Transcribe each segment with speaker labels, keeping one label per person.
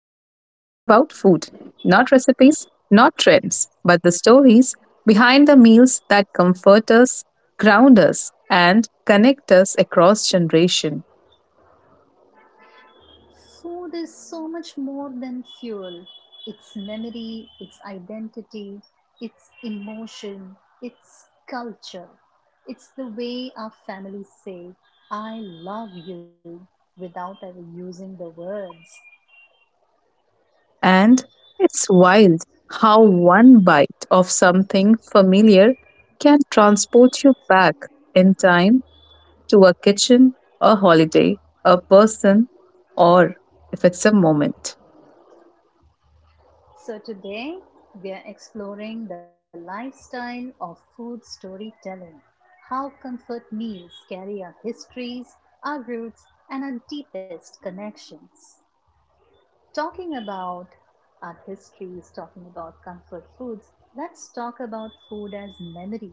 Speaker 1: food, not recipes, not trends, but the stories behind the meals that comfort us, ground us, and connect us across generation.
Speaker 2: Food is so much more than fuel. It's memory, it's identity, it's emotion, it's culture. It's the way our families say, I love you, without ever using the words.
Speaker 1: And it's wild how one bite of something familiar can transport you back in time to a kitchen, a holiday, a person, or if it's a moment.
Speaker 2: So today, we are exploring the lifestyle of food storytelling. How comfort meals carry our histories, our roots, and our deepest connections. Talking about art histories, talking about comfort foods, let's talk about food as memory.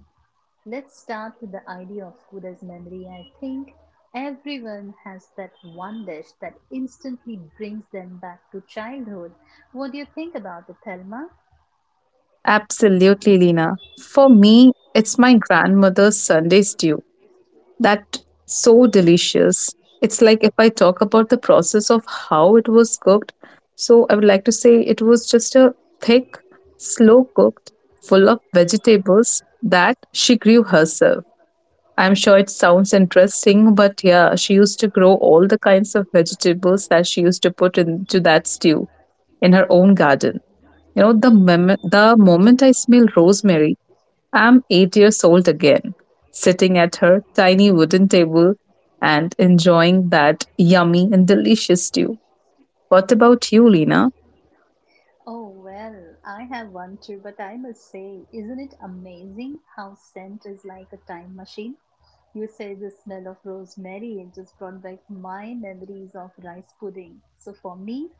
Speaker 2: Let's start with the idea of food as memory. I think everyone has that one dish that instantly brings them back to childhood. What do you think about it, Thelma?
Speaker 1: Absolutely, Lena. For me, it's my grandmother's Sunday stew. That so delicious. It's like if I talk about the process of how it was cooked, so I would like to say it was just a thick, slow cooked, full of vegetables that she grew herself. I'm sure it sounds interesting, but yeah, she used to grow all the kinds of vegetables that she used to put into that stew in her own garden. You know, the
Speaker 2: Wow.
Speaker 1: moment I smell rosemary, I'm 8 years old again, sitting at her tiny wooden table and enjoying that yummy and delicious stew. What about you, Lena?
Speaker 2: Oh, well, I have one too, but I must say, isn't it amazing how scent is like a time machine? You say the smell of rosemary, it just brought back my memories of rice pudding. So for me,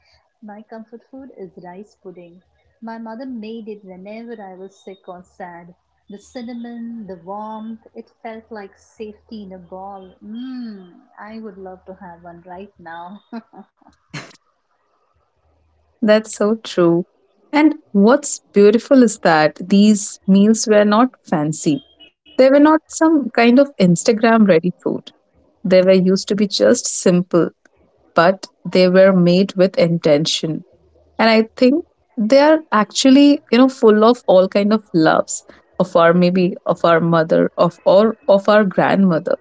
Speaker 2: my comfort food is rice pudding. My mother made it whenever I was sick or sad. The cinnamon, the warmth, it felt like safety in a ball. Mmm, I would love to have one right now.
Speaker 1: That's so true. And what's beautiful is that these meals were not fancy. They were not some kind of Instagram ready food. They were used to be just simple, but they were made with intention. And I think they are actually, you know, full of all kind of loves of our maybe of our mother, of or of our grandmother.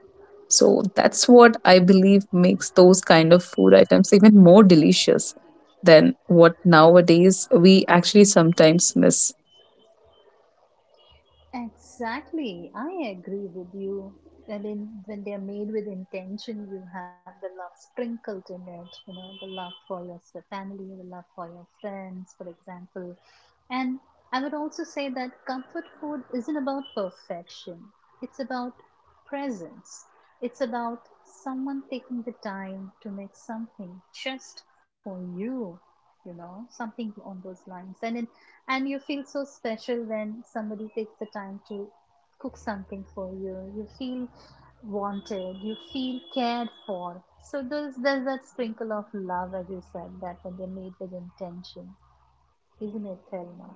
Speaker 1: So that's what I believe makes those kind of food items even more delicious than what nowadays we actually sometimes miss.
Speaker 2: Exactly. I agree with you that when they are made with intention, you have the love sprinkled in it, the love for your family, the love for your friends, for example. And I would also say that comfort food isn't about perfection, it's about presence. It's about someone taking the time to make something just for you, something on those lines. And you feel so special when somebody takes the time to cook something for you. You feel wanted, you feel cared for. So there's that sprinkle of love, as you said, that when they're made with intention, isn't it, Thelma?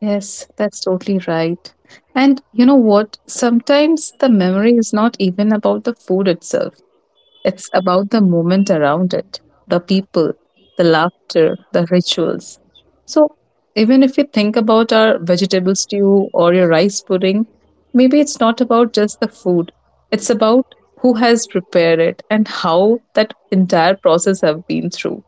Speaker 1: Yes, that's totally right. And you know what? Sometimes the memory is not even about the food itself. It's about the moment around it, the people, the laughter, the rituals. So, even if we think about our vegetable stew or your rice pudding, maybe it's not about just the food. It's about who has prepared it and how that entire process have been through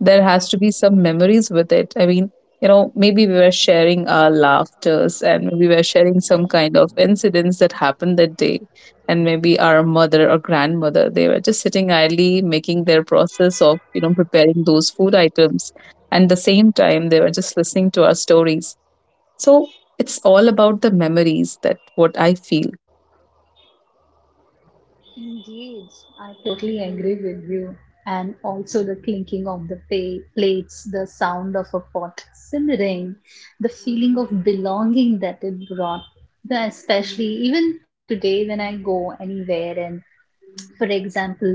Speaker 1: there has to be some memories with it. I mean, you know, maybe we were sharing our laughters and maybe we were sharing some kind of incidents that happened that day. And maybe our mother or grandmother, they were just sitting idly making their process of, you know, preparing those food items. And the same time, they were just listening to our stories. So it's all about the memories that what I feel.
Speaker 2: Indeed, I totally agree with you. And also the clinking of the plates, the sound of a pot simmering, the feeling of belonging that it brought. Especially even today, when I go anywhere and, for example,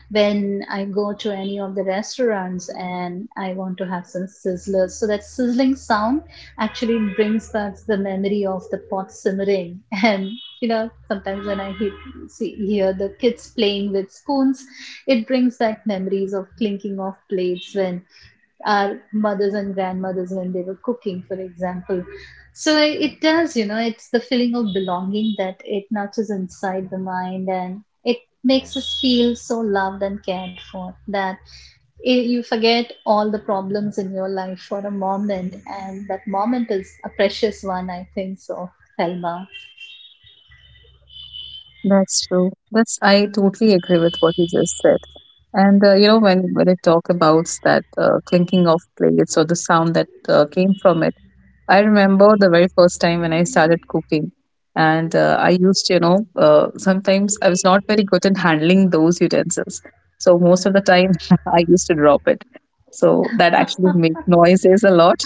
Speaker 2: when I go to any of the restaurants and I want to have some sizzlers, so that sizzling sound actually brings back the memory of the pot simmering. And sometimes when I hear the kids playing with spoons, it brings back memories of clinking of plates when our mothers and grandmothers when they were cooking, for example. So it does, it's the feeling of belonging that it nurtures inside the mind and it makes us feel so loved and cared for that you forget all the problems in your life for a moment. And that moment is a precious one, I think so, Thelma.
Speaker 1: That's true. That's I totally agree with what you just said. And you know, when it talk about that clinking of plates or the sound that came from it, I remember the very first time when I started cooking, and I used, you know, sometimes I was not very good in handling those utensils, so most of the time I used to drop it. So that actually made noises a lot.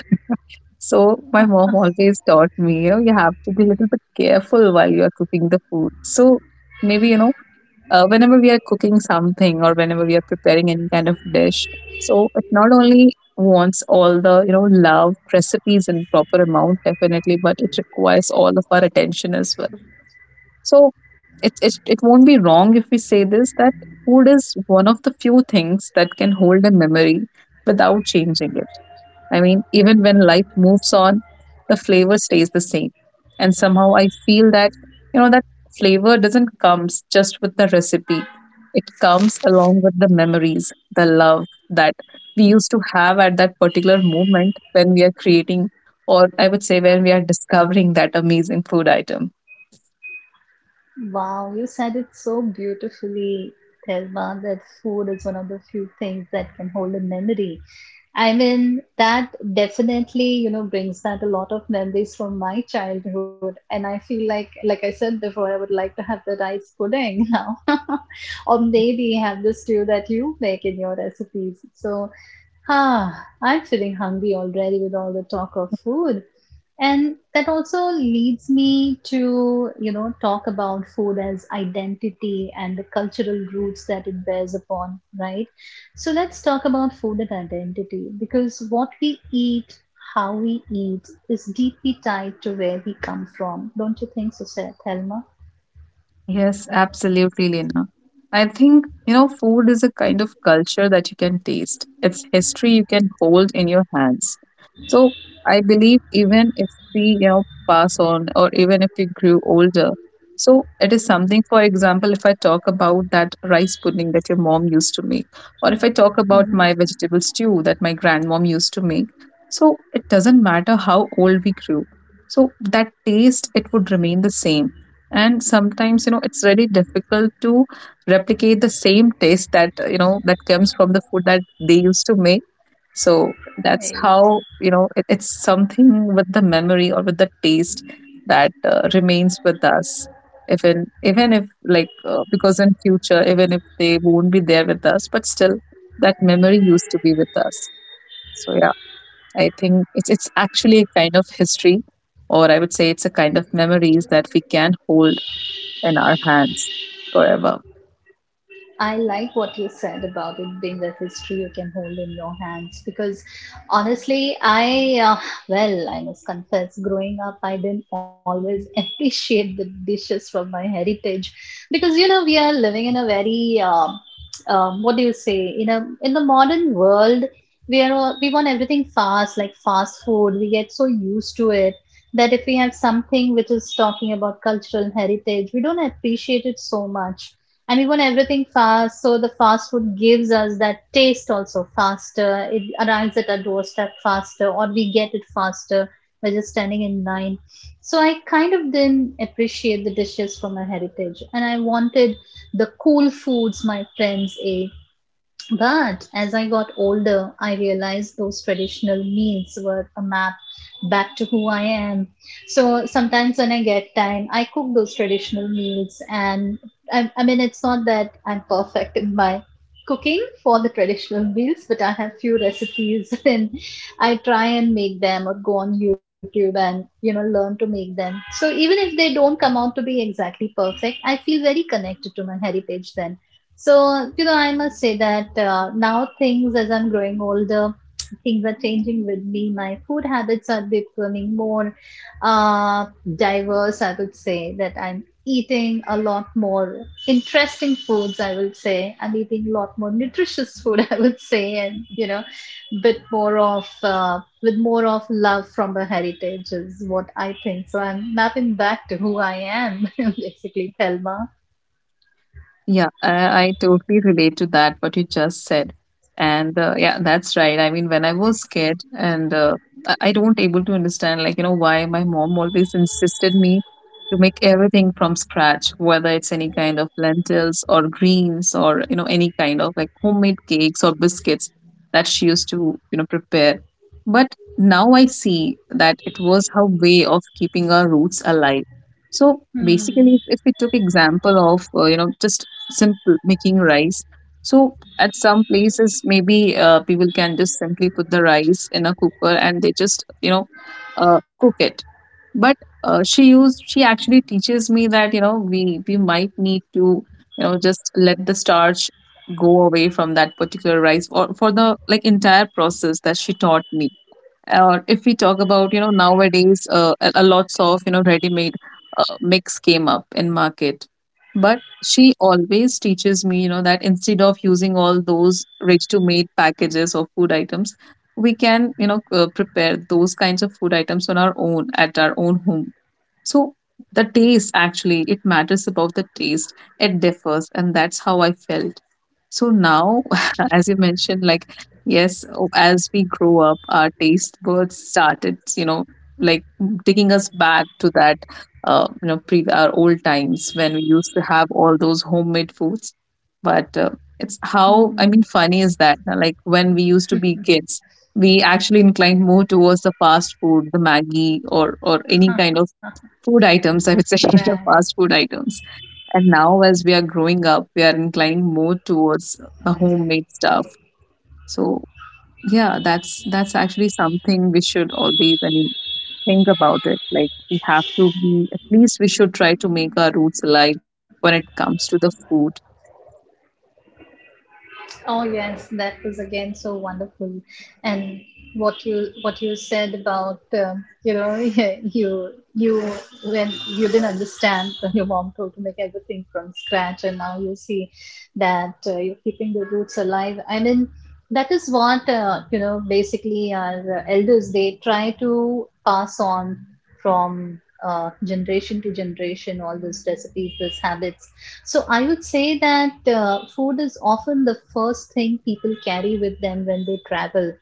Speaker 1: So my mom always taught me, you know, you have to be a little bit careful while you are cooking the food. So maybe, you know, whenever we are cooking something or whenever we are preparing any kind of dish, so it not only wants all the, you know, love, recipes in proper amount, definitely, but it requires all of our attention as well. So it won't be wrong if we say this, that food is one of the few things that can hold a memory without changing it. I mean, even when life moves on, the flavor stays the same. And somehow I feel that, you know, that flavor doesn't come just with the recipe. It comes along with the memories, the love that we used to have at that particular moment when we are creating, or I would say when we are discovering that amazing food item.
Speaker 2: Wow, you said it so beautifully, Thelma, that food is one of the few things that can hold a memory. I mean, that definitely, brings back a lot of memories from my childhood. And I feel like I said before, I would like to have the rice pudding now. Or maybe have the stew that you make in your recipes. So, ah, I'm feeling hungry already with all the talk of food. And that also leads me to, talk about food as identity and the cultural roots that it bears upon, right? So let's talk about food and identity because what we eat, how we eat, is deeply tied to where we come from. Don't you think so, Seth, Helma?
Speaker 1: Yes, absolutely, Lena. I think, you know, food is a kind of culture that you can taste. It's history you can hold in your hands. So I believe even if we, you know, pass on or even if we grew older, so it is something, for example, if I talk about that rice pudding that your mom used to make, or if I talk about my vegetable stew that my grandmom used to make, so it doesn't matter how old we grew. So that taste, it would remain the same, and sometimes you know it's really difficult to replicate the same taste that you know that comes from the food that they used to make, so that's
Speaker 2: Mhm.
Speaker 1: how you know it's something with the memory or with the taste that remains with us, even if like because in future even if they won't be there with us, but still that memory used to be with us. So yeah, I think it's actually a kind of history, or I would say it's a kind of memories that we can hold in our hands forever.
Speaker 2: I like what you said about it being a history you can hold in your hands because, honestly, well, I must confess, growing up, I didn't always appreciate the dishes from my heritage because, we are living in a very, what do you say, in a in the modern world, we want everything fast, like fast food. We get so used to it that if we have something which is talking about cultural heritage, we don't appreciate it so much, and we want everything fast. So the fast food gives us that taste also faster, it arrives at our doorstep faster, or we get it faster by just standing in line. So I kind of didn't appreciate the dishes from my heritage and I wanted the cool foods my friends ate, but as I got older, I realized those traditional meals were a map back to who I am. So sometimes when I get time, I cook those traditional meals. And I mean, it's not that I'm perfect in my cooking for the traditional meals, but I have few recipes and I try and make them or go on YouTube and, learn to make them. So even if they don't come out to be exactly perfect, I feel very connected to my heritage then. So, I must say that, now things, as I'm growing older, things are changing with me. My food habits are becoming more, uh, diverse, I would say, that I'm eating a lot more interesting foods, I would say. I'm eating a lot more nutritious food, I would say, and, with more of love from the heritage is what I think. So I'm mapping back to who I am, basically, Thelma.
Speaker 1: Yeah, I totally relate to that, what you just said. And yeah, that's right. I mean, when I was scared, and I don't able to understand, like, you know, why my mom always insisted me to make everything from scratch, whether it's any kind of lentils or greens or, you know, any kind of like homemade cakes or biscuits that she used to, you know, prepare. But now I see that it was her way of keeping our roots alive. So
Speaker 2: Hmm.
Speaker 1: basically, if we took example of you know, just simple making rice, so at some places maybe people can just simply put the rice in a cooker and they just, you know, cook it. But she actually teaches me that you know we might need to, you know, just let the starch go away from that particular rice, or for the like entire process that she taught me. Or if we talk about, you know, nowadays, a lots of, you know, ready made mix came up in market. But she always teaches me, you know, that instead of using all those ready to made packages of food items, we can, you know, prepare those kinds of food items on our own at our own home. So the taste actually, it matters about the taste. It differs, and that's how I felt. So now, as you mentioned, like yes, as we grow up, our taste buds started, you know, like taking us back to that, you know, pre our old times when we used to have all those homemade foods. But it's how I
Speaker 2: Hmm.
Speaker 1: mean, funny is that like when we used to be kids, we actually inclined more towards the fast food, the Maggie, or any
Speaker 2: Huh.
Speaker 1: kind of food items, I would say,
Speaker 2: Right.
Speaker 1: fast food items. And now, as we are growing up, we are inclining more towards the homemade stuff. So, yeah, that's actually something we should always, I mean, think about it. Like, we have to be at least we should try to make our roots alive when it comes to the food.
Speaker 2: Oh yes, that was again so wonderful, and what you said about, you when you didn't understand when your mom told to make everything from scratch, and now you see that, you're keeping the roots alive. I mean, that is what, basically our, elders, they try to pass on from, generation to generation all those recipes, those habits. So I would say that, food is often the first thing people carry with them when they travel,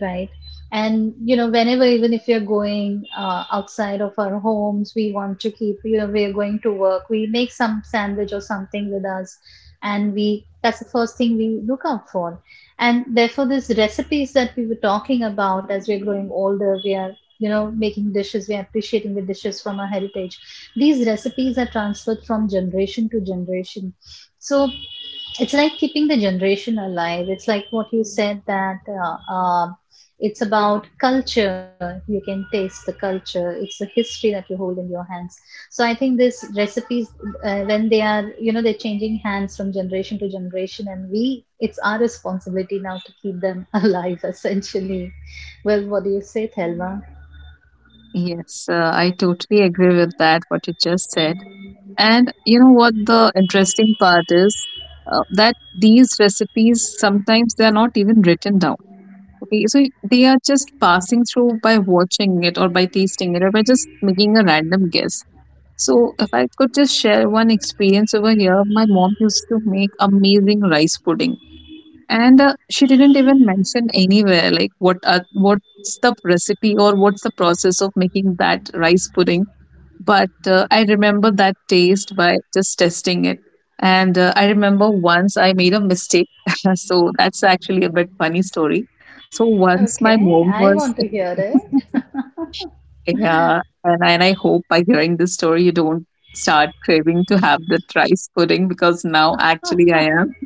Speaker 2: right? And, whenever, even if we are going, outside of our homes, we want to keep, we are going to work, we make some sandwich or something with us, and we that's the first thing we look out for. And therefore these recipes that we were talking about, as we're growing older, we are, making dishes, we are appreciating the dishes from our heritage. These recipes are transferred from generation to generation. So it's like keeping the generation alive. It's like what you said that, it's about culture. You can taste the culture. It's the history that you hold in your hands. So I think these recipes, when they're changing hands from generation to generation, and it's our responsibility now to keep them alive, essentially. Well, what do you say, Thelma?
Speaker 1: Yes, I totally agree with that. What you just said, and you know what the interesting part is, that these recipes sometimes they are not even written down. Okay, so they are just passing through by watching it or by tasting it or by just making a random guess. So, if I could just share one experience over here, my mom used to make amazing rice pudding, and she didn't even mention anywhere like what are, what's the recipe or what's the process of making that rice pudding, but I remember that taste by just testing it. And I remember once I made a mistake. So that's actually a bit funny story. So once my
Speaker 2: Okay,
Speaker 1: mom
Speaker 2: I
Speaker 1: was,
Speaker 2: want to hear it.
Speaker 1: yeah, and I hope by hearing this story, you don't start craving to have the rice pudding, because now actually I am.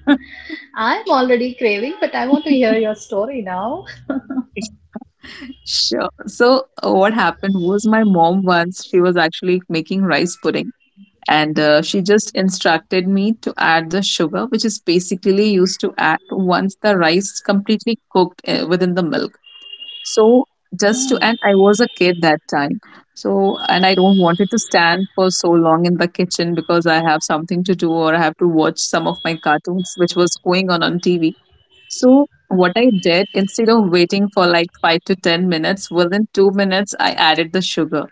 Speaker 2: I'm already craving, but I want to hear your story now.
Speaker 1: Sure. So what happened was my mom once she was actually making rice pudding, and she just instructed me to add the sugar which is basically used to add once the rice completely cooked within the milk. So just to, and
Speaker 2: Hmm.
Speaker 1: I was a kid that time. So and I don't wanted to stand for so long in the kitchen, because I have something to do or I have to watch some of my cartoons which was going on TV. So what I did, instead of waiting for like 5 to 10 minutes, within 2 minutes I added the sugar.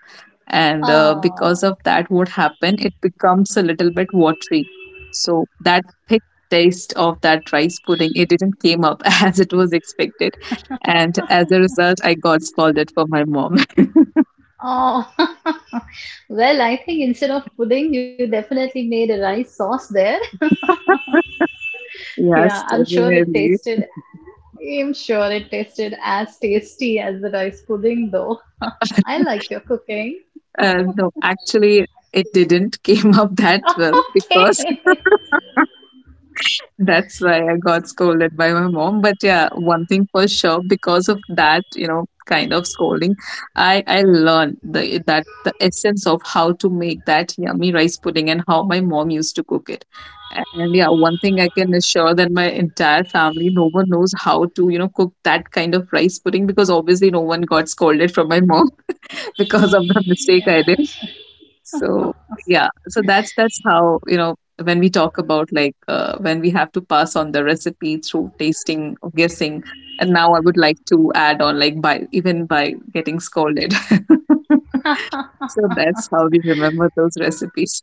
Speaker 1: And because
Speaker 2: Oh,
Speaker 1: of that, what happened, it becomes a little bit watery. So that thick taste of that rice pudding, it didn't came up as it was expected. And as a result, I got scolded for my mom.
Speaker 2: oh. Well, I think instead of pudding, you definitely made a rice sauce there. Yeah,
Speaker 1: Yes,
Speaker 2: I'm sure it
Speaker 1: definitely.
Speaker 2: tasted, I'm sure it tasted as tasty as the rice pudding, though. I like your cooking.
Speaker 1: No, actually, it didn't came up that well because
Speaker 2: Okay.
Speaker 1: that's why I got scolded by my mom. But yeah, one thing for sure, because of that, kind of scolding, I learned the that the essence of how to make that yummy rice pudding and how my mom used to cook it. And yeah, one thing I can assure that my entire family, no one knows how to, cook that kind of rice pudding because obviously no one got scolded from my mom because of the mistake
Speaker 2: Yeah.
Speaker 1: I did. So so that's how when we talk about, like, when we have to pass on the recipe through tasting or guessing. And now I would like to add on, like, by even by getting scolded. So that's how we remember those recipes.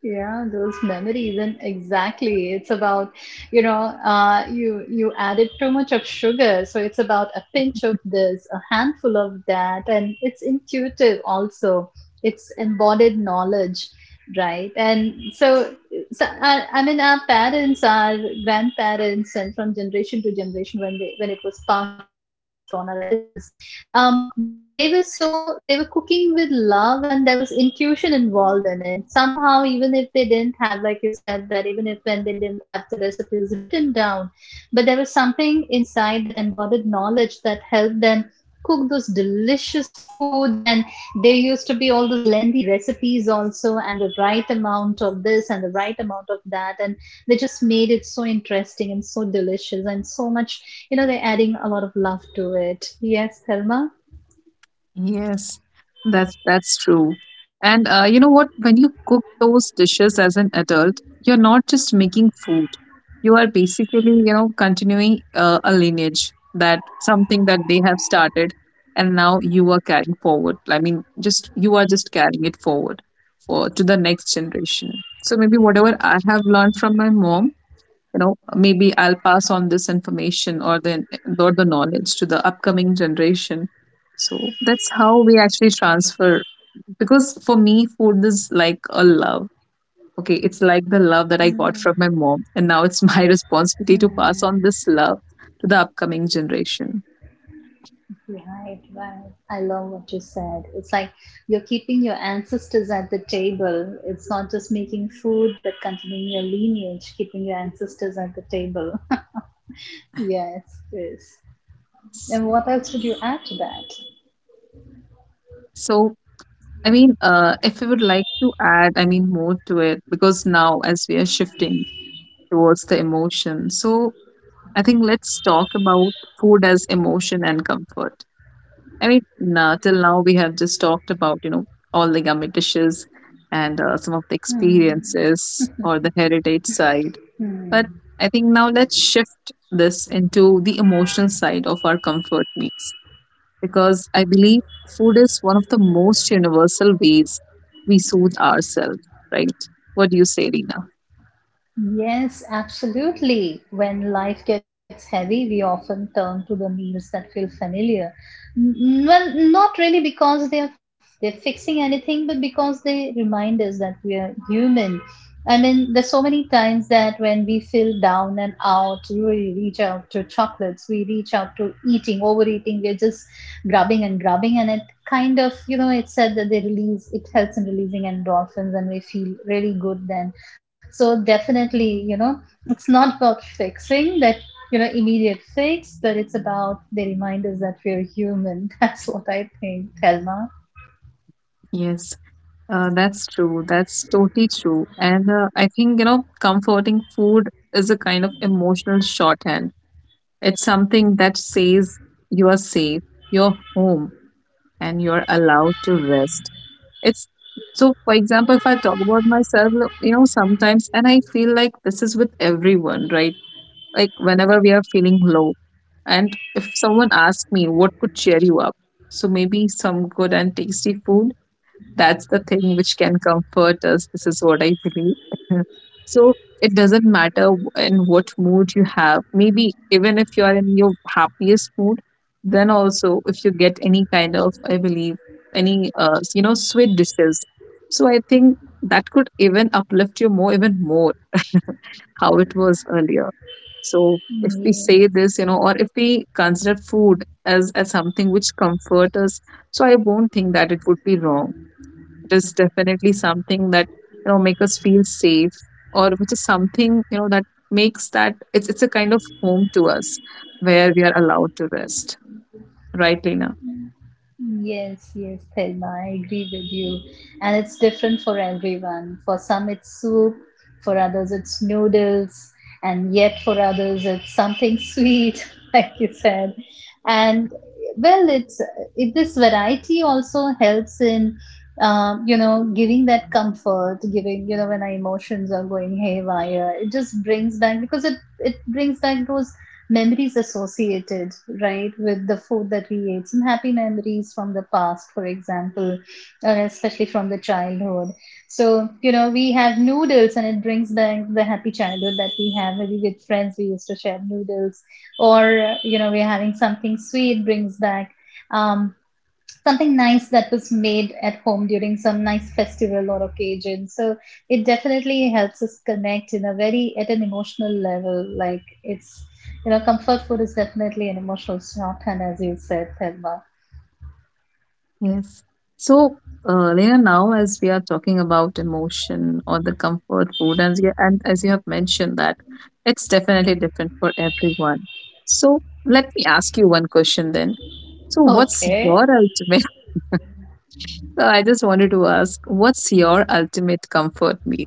Speaker 2: Yeah, those memories, and exactly. It's about, you added too much of sugar, so it's about a pinch of this, a handful of that, and it's intuitive also. It's embodied knowledge, right? And so, I mean, our parents, our grandparents, and from generation to generation, when they when it was passed on, our elders, they were cooking with love, and there was intuition involved in it somehow, even if they didn't have, like you said, that even if when they didn't have the recipes written down, but there was something inside, that embodied knowledge that helped them cook those delicious foods. And there used to be all those lengthy recipes also, and the right amount of this and the right amount of that, and they just made it so interesting and so delicious and so much, they're adding a lot of love to it. Yes, Thelma.
Speaker 1: Yes, that's true. And you know what? When you cook those dishes as an adult, you're not just making food. You are basically, you know, continuing a lineage, that something that they have started, and now you are carrying forward. I mean, just you are just carrying it forward for to the next generation. So maybe whatever I have learned from my mom, you know, maybe I'll pass on this information or the knowledge to the upcoming generation. So that's how we actually transfer, because for me food is like a love. Okay, it's like the love that I got
Speaker 2: Mm-hmm.
Speaker 1: from my mom, and now it's my responsibility to pass on this love to the upcoming generation.
Speaker 2: Right, right. I love what you said, it's like you're keeping your ancestors at the table. It's not just making food, but continuing your lineage, keeping your ancestors at the table. Yes. Yes. And what else would you add to that?
Speaker 1: So, I mean, if you would like to add, I mean, more to it, because now as we are shifting towards the emotion, so I think let's talk about food as emotion and comfort. I mean, na till now we have just talked about, you know, all the yummy dishes and some of the experiences or the heritage side.
Speaker 2: Mm-hmm.
Speaker 1: But I think now let's shift this into the emotional side of our comfort meals, because I believe food is one of the most universal ways we soothe ourselves, right? What do you say, Rina?
Speaker 2: Yes, absolutely. When life gets heavy, we often turn to the meals that feel familiar. Well, not really because they're fixing anything, but because they remind us that we are human. I mean, there's so many times that when we feel down and out, we reach out to chocolates, we reach out to eating, overeating, we're just grubbing and grubbing, and it kind of, it's said that they release, it helps in releasing endorphins, and we feel really good then so definitely, it's not about fixing that, immediate fix, but it's about the reminders that we're human. That's what I think, Thelma.
Speaker 1: Yes. That's true. That's totally true. And I think, you know, comforting food is a kind of emotional shorthand. It's something that says you are safe, you're home, and you're allowed to rest. It's so, for example, if I talk about myself, you know, sometimes, and I feel like this is with everyone, right? Like whenever we are feeling low, and if someone asks me what could cheer you up, so maybe some good and tasty food, that's the thing which can comfort us. This is what I believe. So it doesn't matter in what mood you have. Maybe even if you are in your happiest mood, then also if you get any kind of, I believe, any you know, sweet dishes. So I think that could even uplift you more, even more how it was earlier. So if we
Speaker 2: Yeah.
Speaker 1: say this, you know, or if we consider food as something which comfort us, so I won't think that it would be wrong. It is definitely something that, you know, make us feel safe, or which is something, you know, that makes that it's a kind of home to us where we are allowed to rest, right, Lena?
Speaker 2: Yes, yes, Thelma, I agree with you. And it's different for everyone. For some, it's soup, for others, it's noodles, and yet for others, it's something sweet, like you said. And well, this variety also helps in, giving that comfort, giving, when our emotions are going haywire, it just brings back because it brings back those memories associated, right, with the food that we ate. Some happy memories from the past, for example, or especially from the childhood. So, we have noodles and it brings back the happy childhood that we have. Maybe with friends, we used to share noodles, or, we're having something sweet, brings back. Um, something nice that was made at home during some nice festival or occasion so it definitely helps us connect in a very at an emotional level like it's comfort food is definitely an emotional shorthand as you said, Thelma.
Speaker 1: Yes. So, Lena, now as we are talking about emotion or the comfort food, and as you have mentioned that it's definitely different for everyone, so let me ask you one question then. So what's
Speaker 2: Okay.
Speaker 1: your ultimate I just wanted to ask, what's your ultimate comfort meal?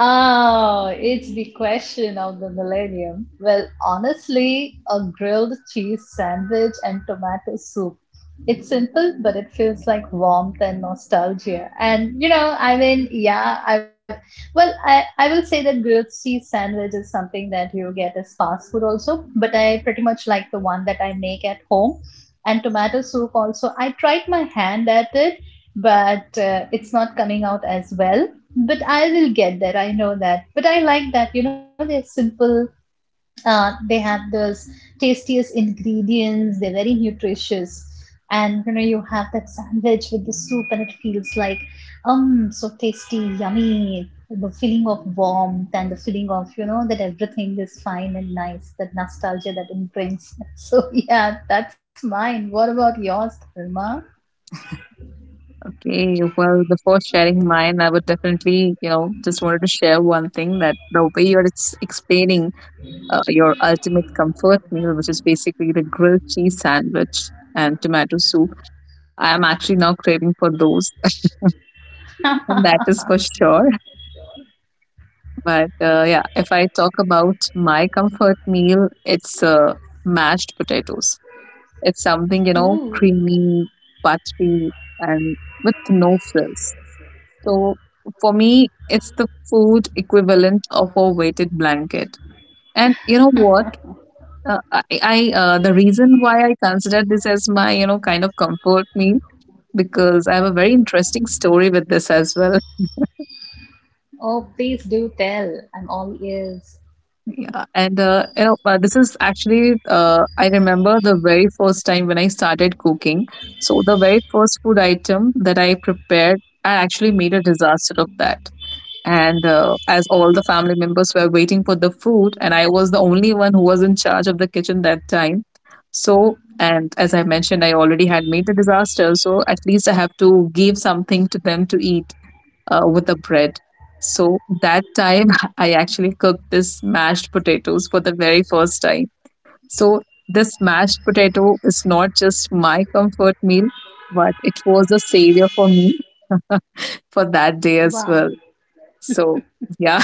Speaker 2: Oh, it's the question of the millennium. Well, honestly, a grilled cheese sandwich and tomato soup. It's simple, but it feels like warmth and nostalgia. And you know, I mean, yeah, I well, I will say that grilled cheese sandwich is something that you get as fast food also, but I pretty much like the one that I make at home. And tomato soup also. I tried my hand at it, but it's not coming out as well but I will get there. I know that. But I like that. You know, they're simple. They have those tastiest ingredients. They're very nutritious, and you know, you have that sandwich with the soup, and it feels like so tasty, yummy. The feeling of warmth and the feeling of you know that everything is fine and nice. That nostalgia that it brings. So yeah, that's mine. What about yours, Dharma?
Speaker 1: Okay, well, before sharing mine, I would definitely, you know, just wanted to share one thing, that the way you're explaining your ultimate comfort meal, which is basically the grilled cheese sandwich and tomato soup, I am actually now craving for those, and that is for sure. But yeah, if I talk about my comfort meal, it's mashed potatoes. It's something, you know, creamy, buttery, and with no frills. So for me, it's the food equivalent of a weighted blanket. And you know what? I The reason why I consider this as my, you know, kind of comfort meal, because I have a very interesting story with this as well.
Speaker 2: Oh, please do tell. I'm all ears.
Speaker 1: Yeah, and you know, this is actually I remember the very first time when I started cooking. So the very first food item that I prepared, I actually made a disaster of that. And as all the family members were waiting for the food, and I was the only one who was in charge of the kitchen that time. So, and as I mentioned, I already had made the disaster, so at least I have to give something to them to eat with the bread. So that time I actually cooked this mashed potatoes for the very first time. So this mashed potato is not just my comfort meal, but it was a savior for me for that day as
Speaker 2: Wow.
Speaker 1: well. So yeah.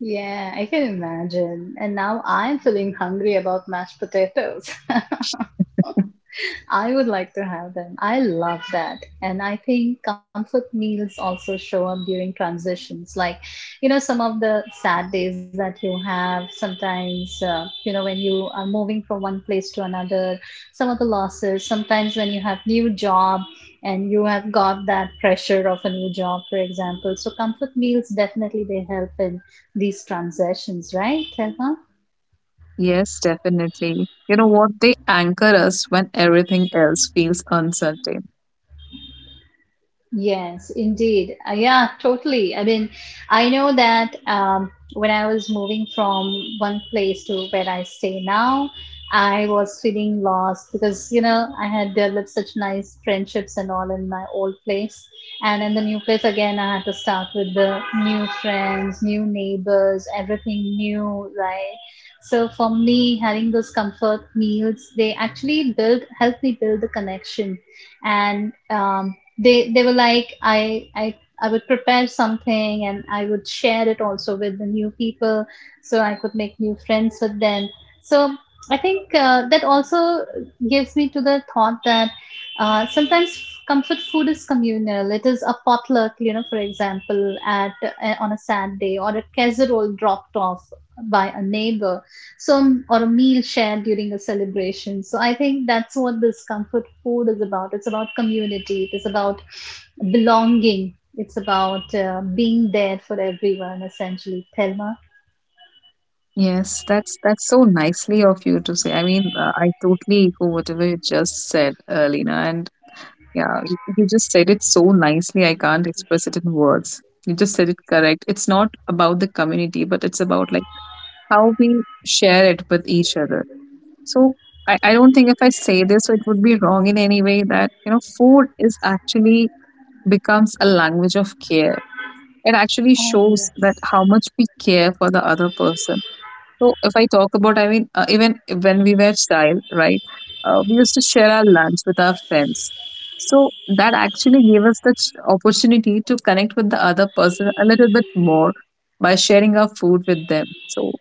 Speaker 2: Yeah, I can imagine. And now I'm feeling hungry about mashed potatoes. I would like to have them. I love that. And I think comfort meals also show up during transitions. Like, you know, some of the sad days that you have, sometimes, you know, when you are moving from one place to another, some of the losses, sometimes when you have new job and you have got that pressure of a new job, for example. So comfort meals definitely they help in these transitions, right, Thelma?
Speaker 1: Yes, definitely. You know what? They anchor us when everything else feels uncertain.
Speaker 2: Yes, indeed. Yeah, totally. I mean, I know that when I was moving from one place to where I stay now, I was feeling lost because, you know, I had developed such nice friendships and all in my old place. And in the new place, again, I had to start with the new friends, new neighbors, everything new, right? So for me, having those comfort meals, they actually build, help me build the connection and they were like I would prepare something and I would share it also with the new people so I could make new friends with them. So I think that also gives me to the thought that sometimes comfort food is communal. It is a potluck, you know, for example, at on a sad day or a casserole dropped off by a neighbor some or a meal shared during a celebration so I think that's what this comfort food is about, it's about community, it is about belonging, it's about being there for everyone essentially, Thelma.
Speaker 1: Yes, that's so nicely of you to say. I mean, I totally echo whatever you just said, Lina. And yeah, you just said it so nicely. I can't express it in words. You just said it correct. It's not about the community, but it's about like how we share it with each other. So I don't think if I say this, it would be wrong in any way that, you know, food is actually becomes a language of care. It actually
Speaker 2: Oh,
Speaker 1: shows
Speaker 2: yes.
Speaker 1: that how much we care for the other person. So if I talk about, I mean, even when we were child, right, we used to share our lunch with our friends. So that actually gave us the opportunity to connect with the other person a little bit more by sharing our food with them. So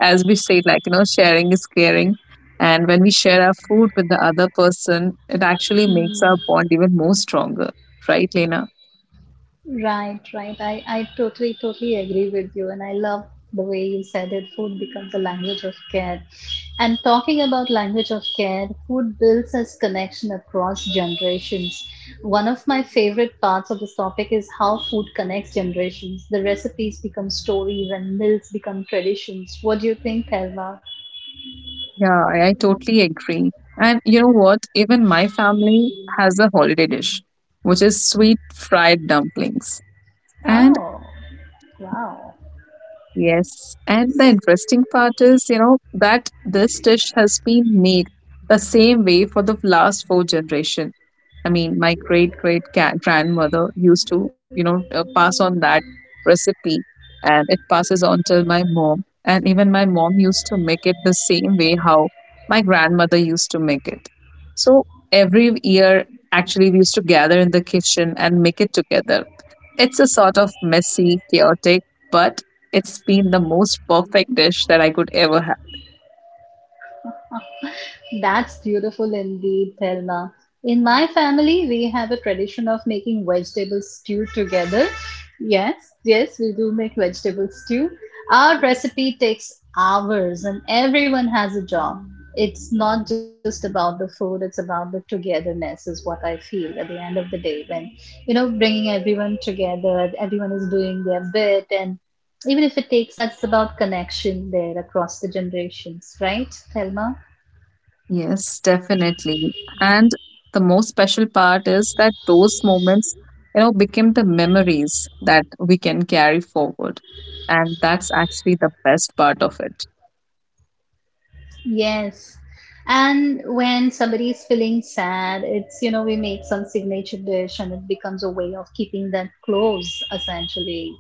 Speaker 1: as we say, like, you know, sharing is caring. And when we share our food with the other person, it actually makes our
Speaker 2: Hmm.
Speaker 1: bond even more stronger, right, Lena?
Speaker 2: Right, right. I totally, totally agree with you. And I love the way you said it. Food becomes a language of care. And talking about language of care, food builds us connection across generations. One of my favorite parts of this topic is how food connects generations. The recipes become stories and meals become traditions. What do you think, Thelma?
Speaker 1: Yeah, I totally agree. And you know what? Even my family has a holiday dish, which is sweet fried dumplings. And
Speaker 2: Oh, wow.
Speaker 1: yes, and the interesting part is, you know, that this dish has been made the same way for the last four generation. I mean, my great great grandmother used to, you know, pass on that recipe, and it passes on to my mom, and even my mom used to make it the same way how my grandmother used to make it. So every year, actually, we used to gather in the kitchen and make it together. It's a sort of messy, chaotic, but it's been the most perfect dish that I could ever have.
Speaker 2: That's beautiful indeed, Thelma. In my family, we have a tradition of making vegetable stew together. Yes, yes, we do make vegetable stew. Our recipe takes hours and everyone has a job. It's not just about the food, it's about the togetherness, is what I feel at the end of the day when, you know, bringing everyone together, everyone is doing their bit, and even if it takes us, it's about connection there across the generations, right, Thelma?
Speaker 1: Yes, definitely. And the most special part is that those moments, you know, became the memories that we can carry forward. And that's actually the best part of it.
Speaker 2: Yes. And when somebody is feeling sad, it's, you know, we make some signature dish and it becomes a way of keeping that close, essentially.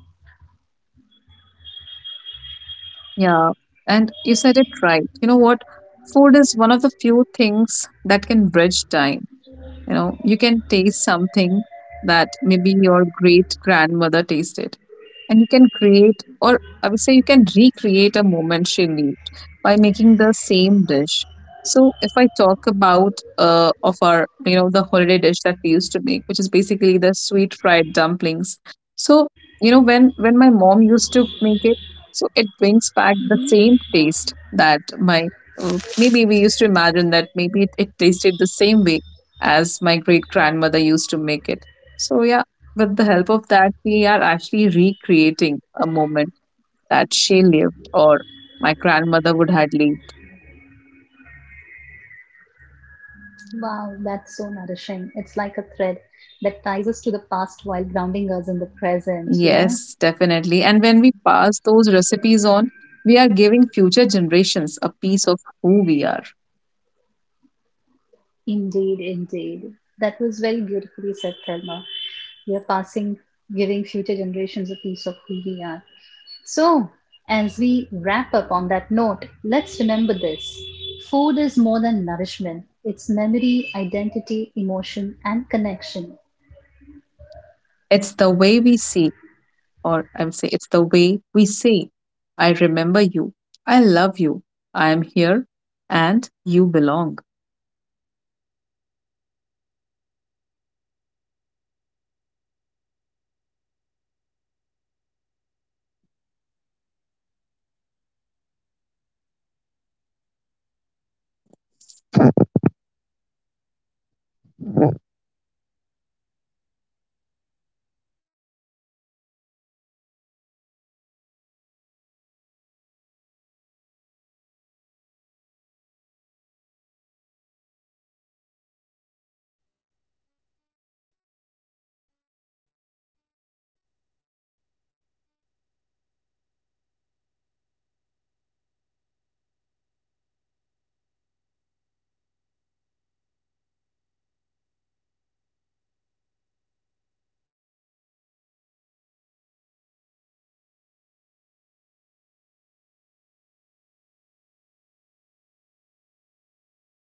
Speaker 1: Yeah. And you said it right. You know what? Food is one of the few things that can bridge time. You know, you can taste something that maybe your great grandmother tasted, and you can create, or I would say, you can recreate a moment she lived by making the same dish. So if I talk about of our, you know, the holiday dish that we used to make, which is basically the sweet fried dumplings, so you know
Speaker 2: Hmm.
Speaker 1: when my mom used to make it, so it brings back the same taste that my maybe we used to imagine that maybe it tasted the same way as my great grandmother used to make it. So yeah, with the help of that, we are actually recreating a moment that she lived, or my grandmother would had lived.
Speaker 2: Wow, that's so nourishing. It's like a thread that ties us to the past while grounding us in the present. Yeah,
Speaker 1: Yes, definitely. And when we pass those recipes on, we are giving future generations a piece of who we are.
Speaker 2: indeed, indeed. That was very beautifully said, Thelma. We are passing, giving future generations a piece of who we are. So, as we wrap up on that note, let's remember this food is more than nourishment, it's memory, identity, emotion, and connection.
Speaker 1: It's the way we see, or I am say, it's the way we say, I remember you, I love you, I am here, and you belong.